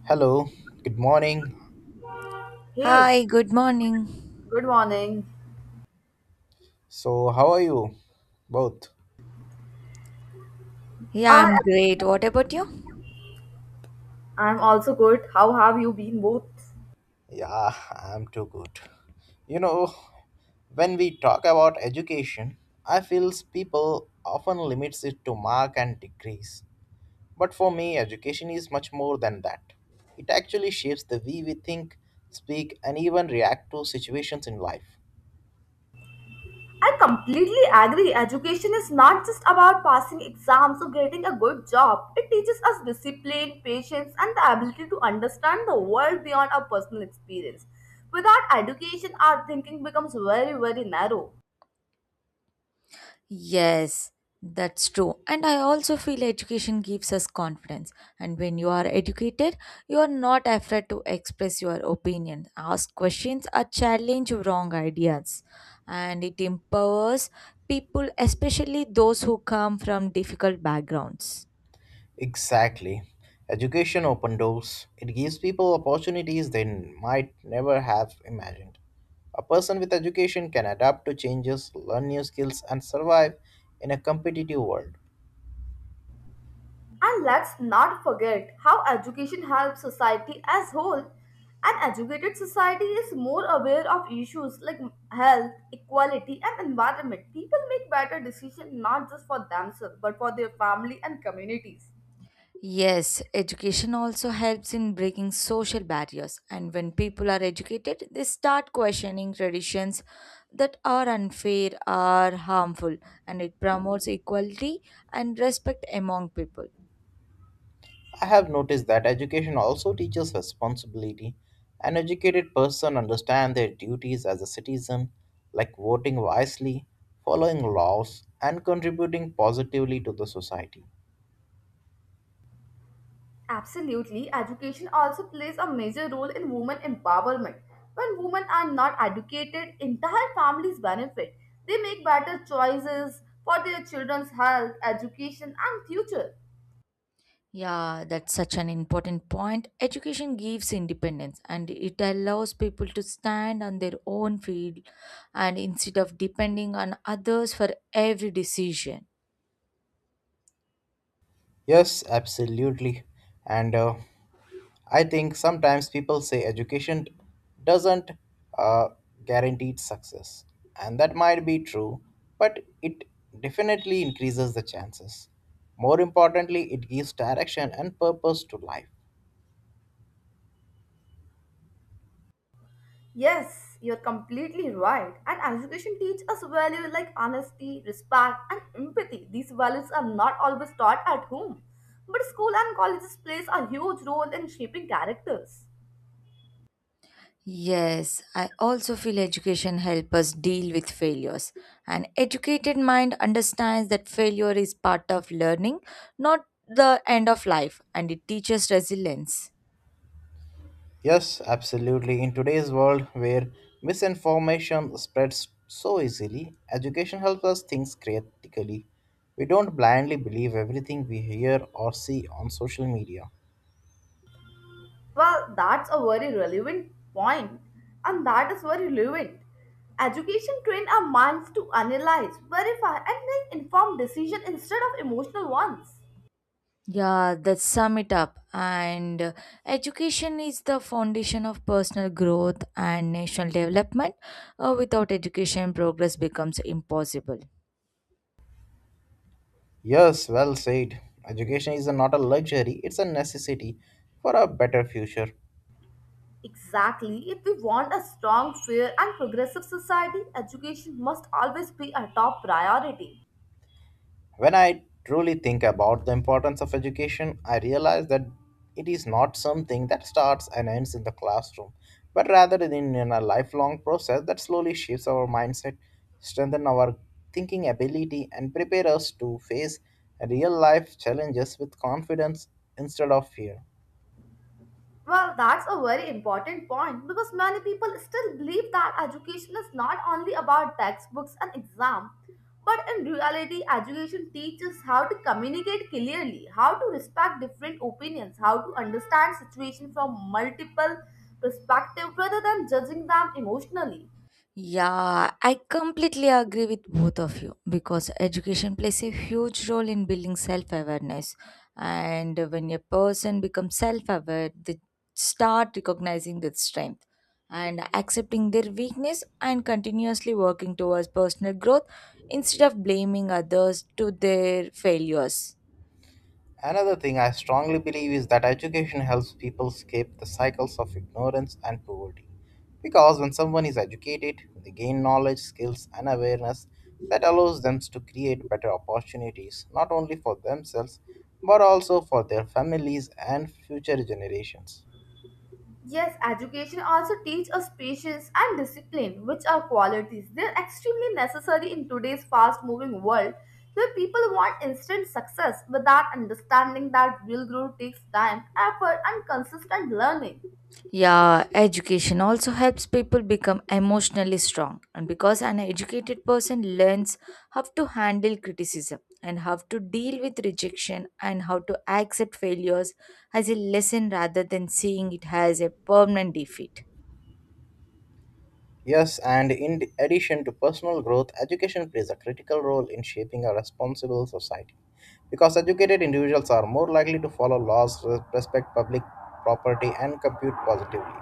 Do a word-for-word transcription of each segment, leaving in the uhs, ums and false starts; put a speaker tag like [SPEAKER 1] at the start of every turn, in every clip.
[SPEAKER 1] Hello, good morning.
[SPEAKER 2] Hey,
[SPEAKER 3] Hi, good morning.
[SPEAKER 2] good morning.
[SPEAKER 1] So, how are you both?
[SPEAKER 3] Yeah, I'm
[SPEAKER 2] I
[SPEAKER 3] great. What about you?
[SPEAKER 2] I'm also good. How have you been both?
[SPEAKER 1] Yeah, I'm too good. You know, when we talk about education, I feel people often limits it to mark and degrees. But for me, education is much more than that. It actually shapes the way we think, speak, and even react to situations in life.
[SPEAKER 2] I completely agree. Education is not just about passing exams or getting a good job. It teaches us discipline, patience, and the ability to understand the world beyond our personal experience. Without education, our thinking becomes very, very narrow.
[SPEAKER 3] Yes, that's true. And I also feel education gives us confidence. And when you are educated, you are not afraid to express your opinion, ask questions, or challenge wrong ideas. And it empowers people, especially those who come from difficult backgrounds.
[SPEAKER 1] Exactly. Education open doors. It gives people opportunities they might never have imagined. A person with education can adapt to changes, learn new skills, and survive in a competitive world.
[SPEAKER 2] And let's not forget how education helps society as whole. An educated society is more aware of issues like health, equality, and environment. People make better decisions not just for themselves but for their family and communities.
[SPEAKER 3] Yes, education also helps in breaking social barriers, and when people are educated, they start questioning traditions that are unfair or harmful, and it promotes equality and respect among people.
[SPEAKER 1] I have noticed that education also teaches responsibility. An educated person understands their duties as a citizen, like voting wisely, following laws, and contributing positively to the society.
[SPEAKER 2] Absolutely, education also plays a major role in women empowerment. When women are not educated, entire families benefit. They make better choices for their children's health, education, and future.
[SPEAKER 3] Yeah, that's such an important point. Education gives independence and it allows people to stand on their own feet and instead of depending on others for every decision.
[SPEAKER 1] Yes, absolutely. And uh, I think sometimes people say education doesn't uh, guarantee success, and that might be true, but it definitely increases the chances. More importantly, it gives direction and purpose to life.
[SPEAKER 2] Yes, you're completely right. And education teaches us values like honesty, respect, and empathy. These values are not always taught at home, but school and colleges plays a huge role in shaping characters.
[SPEAKER 3] Yes, I also feel education helps us deal with failures. An educated mind understands that failure is part of learning, not the end of life, and it teaches resilience.
[SPEAKER 1] Yes, absolutely. In today's world where misinformation spreads so easily, education helps us think critically. We don't blindly believe everything we hear or see on social media.
[SPEAKER 2] Well, that's a very relevant point, and that is very relevant. Education trains our minds to analyze, verify, and make informed decisions instead of emotional ones.
[SPEAKER 3] Yeah, that sum it up. And uh, Education is the foundation of personal growth and national development. Uh, without education, progress becomes impossible.
[SPEAKER 1] Yes, well said. Education is not a luxury, it's a necessity for a better future.
[SPEAKER 2] Exactly. If we want a strong, fair, and progressive society, education must always be a top priority.
[SPEAKER 1] When I truly think about the importance of education, I realize that it is not something that starts and ends in the classroom, but rather in, in a lifelong process that slowly shapes our mindset, strengthens our thinking ability, and prepare us to face real life challenges with confidence instead of fear.
[SPEAKER 2] Well, that's a very important point because many people still believe that education is not only about textbooks and exam, but in reality, education teaches how to communicate clearly, how to respect different opinions, how to understand situation from multiple perspectives rather than judging them emotionally.
[SPEAKER 3] Yeah, I completely agree with both of you because education plays a huge role in building self awareness. And when a person becomes self aware, they start recognizing their strength and accepting their weakness and continuously working towards personal growth instead of blaming others to their failures.
[SPEAKER 1] Another thing I strongly believe is that education helps people escape the cycles of ignorance and poverty. Because when someone is educated, they gain knowledge, skills, and awareness that allows them to create better opportunities not only for themselves but also for their families and future generations.
[SPEAKER 2] Yes, education also teaches us patience and discipline, which are qualities. They're extremely necessary in today's fast moving world where people want instant success without understanding that real growth takes time, effort, and consistent learning.
[SPEAKER 3] Yeah, education also helps people become emotionally strong. And because an educated person learns how to handle criticism and how to deal with rejection and how to accept failures as a lesson rather than seeing it as a permanent defeat.
[SPEAKER 1] Yes, and in addition to personal growth, education plays a critical role in shaping a responsible society. Because educated individuals are more likely to follow laws, res- respect public property, and compute positively.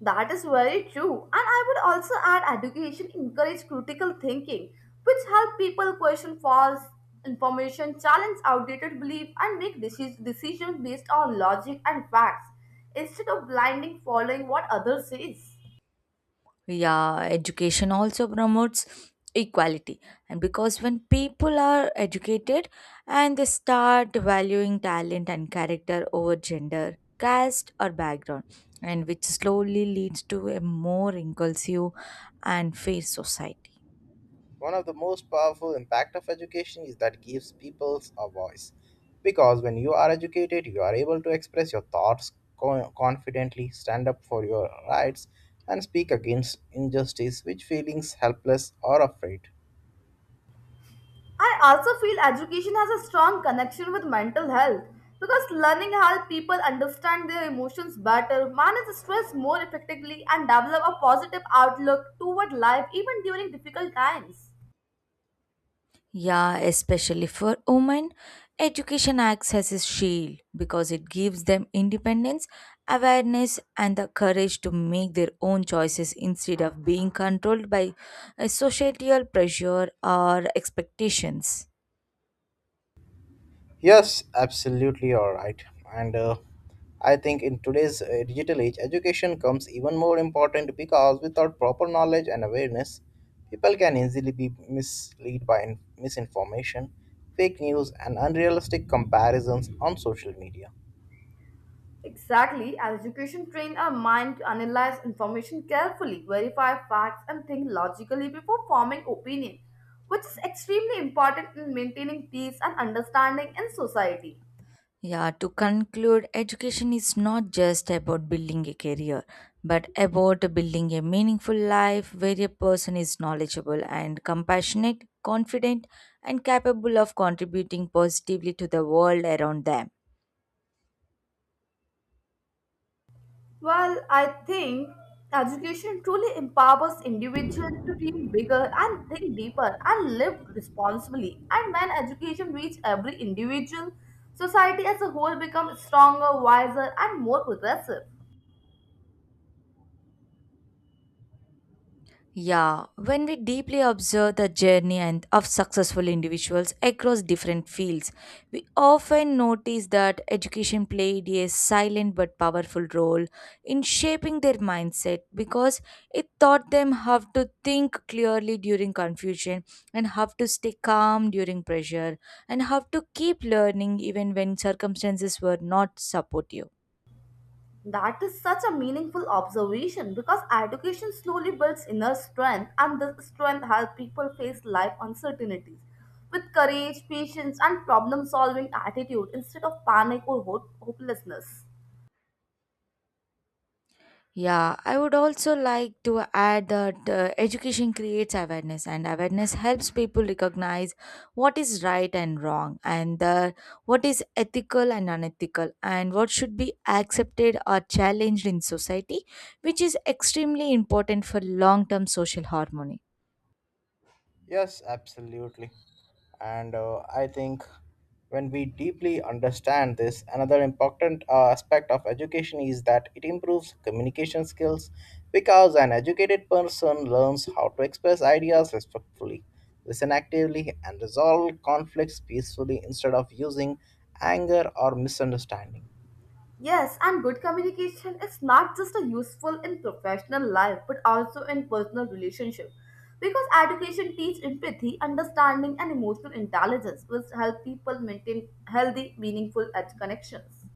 [SPEAKER 2] That is very true. And I would also add education encourage critical thinking, which help people question false information, challenge outdated belief, and make decis- decisions based on logic and facts instead of blindly following what others says.
[SPEAKER 3] Yeah, education also promotes equality and because when people are educated and they start valuing talent and character over gender caste or background and which slowly leads to a more inclusive and fair society.
[SPEAKER 1] One of the most powerful impact of education is that gives peoples a voice. Because when you are educated, you are able to express your thoughts co- confidently, stand up for your rights, and speak against injustice, which feelings helpless or afraid.
[SPEAKER 2] I also feel education has a strong connection with mental health because learning helps people understand their emotions better, manage stress more effectively, and develop a positive outlook toward life even during difficult times.
[SPEAKER 3] Yeah, especially for women, education acts as a shield because it gives them independence, awareness, and the courage to make their own choices instead of being controlled by uh, societal pressure or expectations.
[SPEAKER 1] Yes, absolutely, all right. And uh, I think in today's uh, digital age, education comes even more important because without proper knowledge and awareness, people can easily be misled by in- misinformation, fake news, and unrealistic comparisons on social media.
[SPEAKER 2] Exactly, as education trains our mind to analyze information carefully, verify facts, and think logically before forming opinion, which is extremely important in maintaining peace and understanding in society.
[SPEAKER 3] Yeah, to conclude, education is not just about building a career, but about building a meaningful life where a person is knowledgeable and compassionate, confident, and capable of contributing positively to the world around them.
[SPEAKER 2] Well, I think education truly empowers individuals to dream bigger and think deeper and live responsibly. And when education reaches every individual, society as a whole becomes stronger, wiser, and more progressive.
[SPEAKER 3] Yeah, when we deeply observe the journey and of successful individuals across different fields, we often notice that education played a silent but powerful role in shaping their mindset because it taught them how to think clearly during confusion and how to stay calm during pressure and how to keep learning even when circumstances were not supportive.
[SPEAKER 2] That is such a meaningful observation because education slowly builds inner strength, and this strength helps people face life uncertainties with courage, patience, and problem solving attitude instead of panic or hope- hopelessness.
[SPEAKER 3] Yeah, I would also like to add that uh, education creates awareness, and awareness helps people recognize what is right and wrong, and uh, what is ethical and unethical, and what should be accepted or challenged in society, which is extremely important for long term social harmony.
[SPEAKER 1] Yes, absolutely. And uh, I think when we deeply understand this, another important uh, aspect of education is that it improves communication skills because an educated person learns how to express ideas respectfully, listen actively, and resolve conflicts peacefully instead of using anger or misunderstanding.
[SPEAKER 2] Yes, and good communication is not just a useful in professional life but also in personal relationship because education teaches empathy, understanding, and emotional intelligence, which help people maintain healthy, meaningful ed- connections.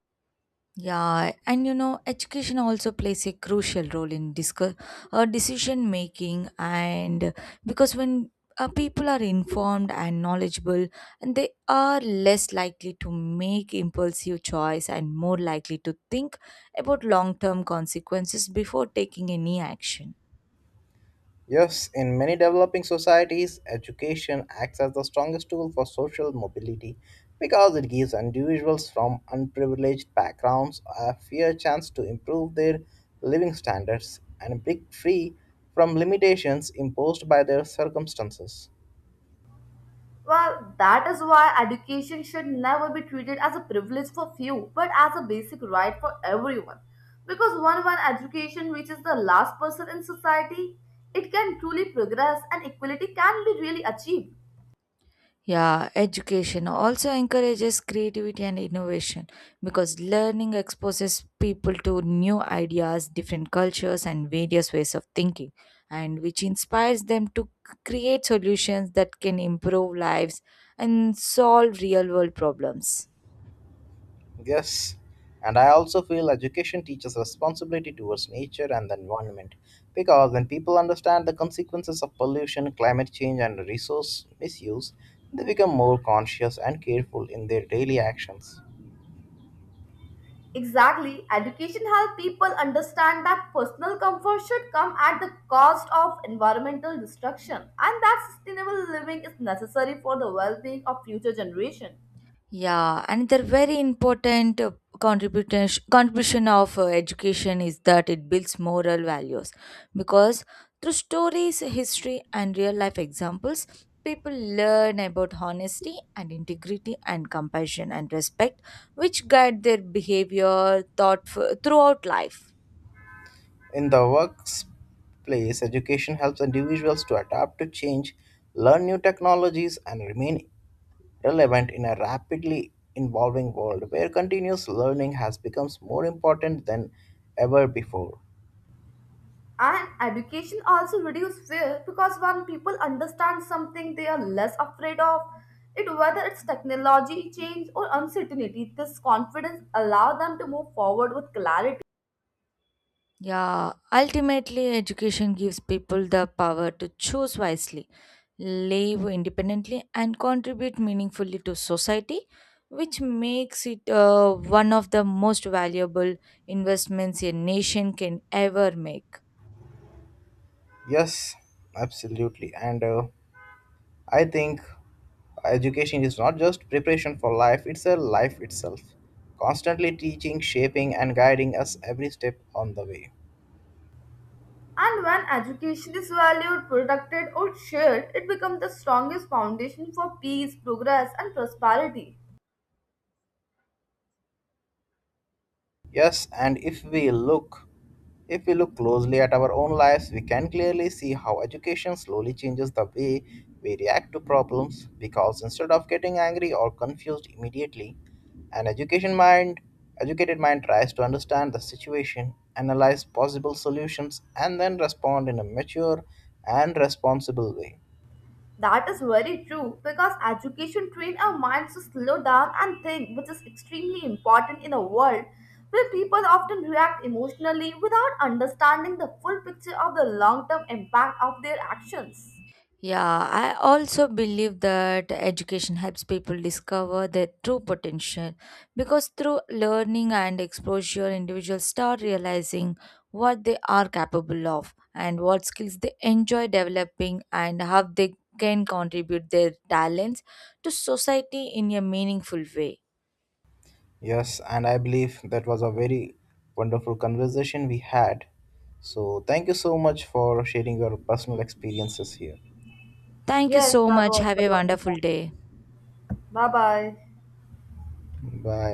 [SPEAKER 3] Yeah, and you know, education also plays a crucial role in discuss uh, decision making, and because when uh, people are informed and knowledgeable, and they are less likely to make impulsive choice and more likely to think about long term consequences before taking any action.
[SPEAKER 1] Yes, in many developing societies, education acts as the strongest tool for social mobility because it gives individuals from unprivileged backgrounds a fair chance to improve their living standards and break free from limitations imposed by their circumstances.
[SPEAKER 2] Well, that is why education should never be treated as a privilege for few, but as a basic right for everyone. Because when one education reaches the last person in society, it can truly progress and equality can be really achieved.
[SPEAKER 3] Yeah, education also encourages creativity and innovation because learning exposes people to new ideas, different cultures, and various ways of thinking, and which inspires them to c- create solutions that can improve lives and solve real world problems.
[SPEAKER 1] Yes, and I also feel education teaches responsibility towards nature and the environment because when people understand the consequences of pollution, climate change, and resource misuse, they become more conscious and careful in their daily actions.
[SPEAKER 2] Exactly, education helps people understand that personal comfort should come at the cost of environmental destruction and that sustainable living is necessary for the well being of future generation.
[SPEAKER 3] Yeah, another very important uh, contribution contribution of uh, education is that it builds moral values because through stories, history, and real life examples, people learn about honesty and integrity and compassion and respect, which guide their behavior thought throughout life.
[SPEAKER 1] In the workplace, education helps individuals to adapt to change, learn new technologies, and remain relevant in a rapidly evolving world where continuous learning has become more important than ever before.
[SPEAKER 2] And education also reduces fear because when people understand something they are less afraid of it, whether it's technology change or uncertainty, this confidence allows them to move forward with clarity.
[SPEAKER 3] Yeah, ultimately, education gives people the power to choose wisely live independently, and contribute meaningfully to society, which makes it uh, one of the most valuable investments a nation can ever make.
[SPEAKER 1] Yes, absolutely. And uh, I think education is not just preparation for life, it's a life itself, constantly teaching, shaping, and guiding us every step on the way.
[SPEAKER 2] And when education is valued, protected, or shared, it becomes the strongest foundation for peace, progress, and prosperity.
[SPEAKER 1] Yes, and if we look if we look closely at our own lives, we can clearly see how education slowly changes the way we react to problems because instead of getting angry or confused immediately, an education mind educated mind tries to understand the situation, analyze possible solutions and then respond in a mature and responsible way.
[SPEAKER 2] That is very true because education trains our minds to slow down and think, which is extremely important in a world where people often react emotionally without understanding the full picture of the long term impact of their actions.
[SPEAKER 3] Yeah, I also believe that education helps people discover their true potential because through learning and exposure, individuals start realizing what they are capable of and what skills they enjoy developing and how they can contribute their talents to society in a meaningful way.
[SPEAKER 1] Yes, and I believe that was a very wonderful conversation we had. So, thank you so much for sharing your personal experiences here.
[SPEAKER 3] Thank you
[SPEAKER 2] Yes,
[SPEAKER 3] so
[SPEAKER 2] that
[SPEAKER 3] much.
[SPEAKER 2] was
[SPEAKER 3] Have
[SPEAKER 2] a
[SPEAKER 3] a
[SPEAKER 2] lovely
[SPEAKER 3] wonderful
[SPEAKER 2] time.
[SPEAKER 3] day.
[SPEAKER 2] Bye bye.
[SPEAKER 1] Bye.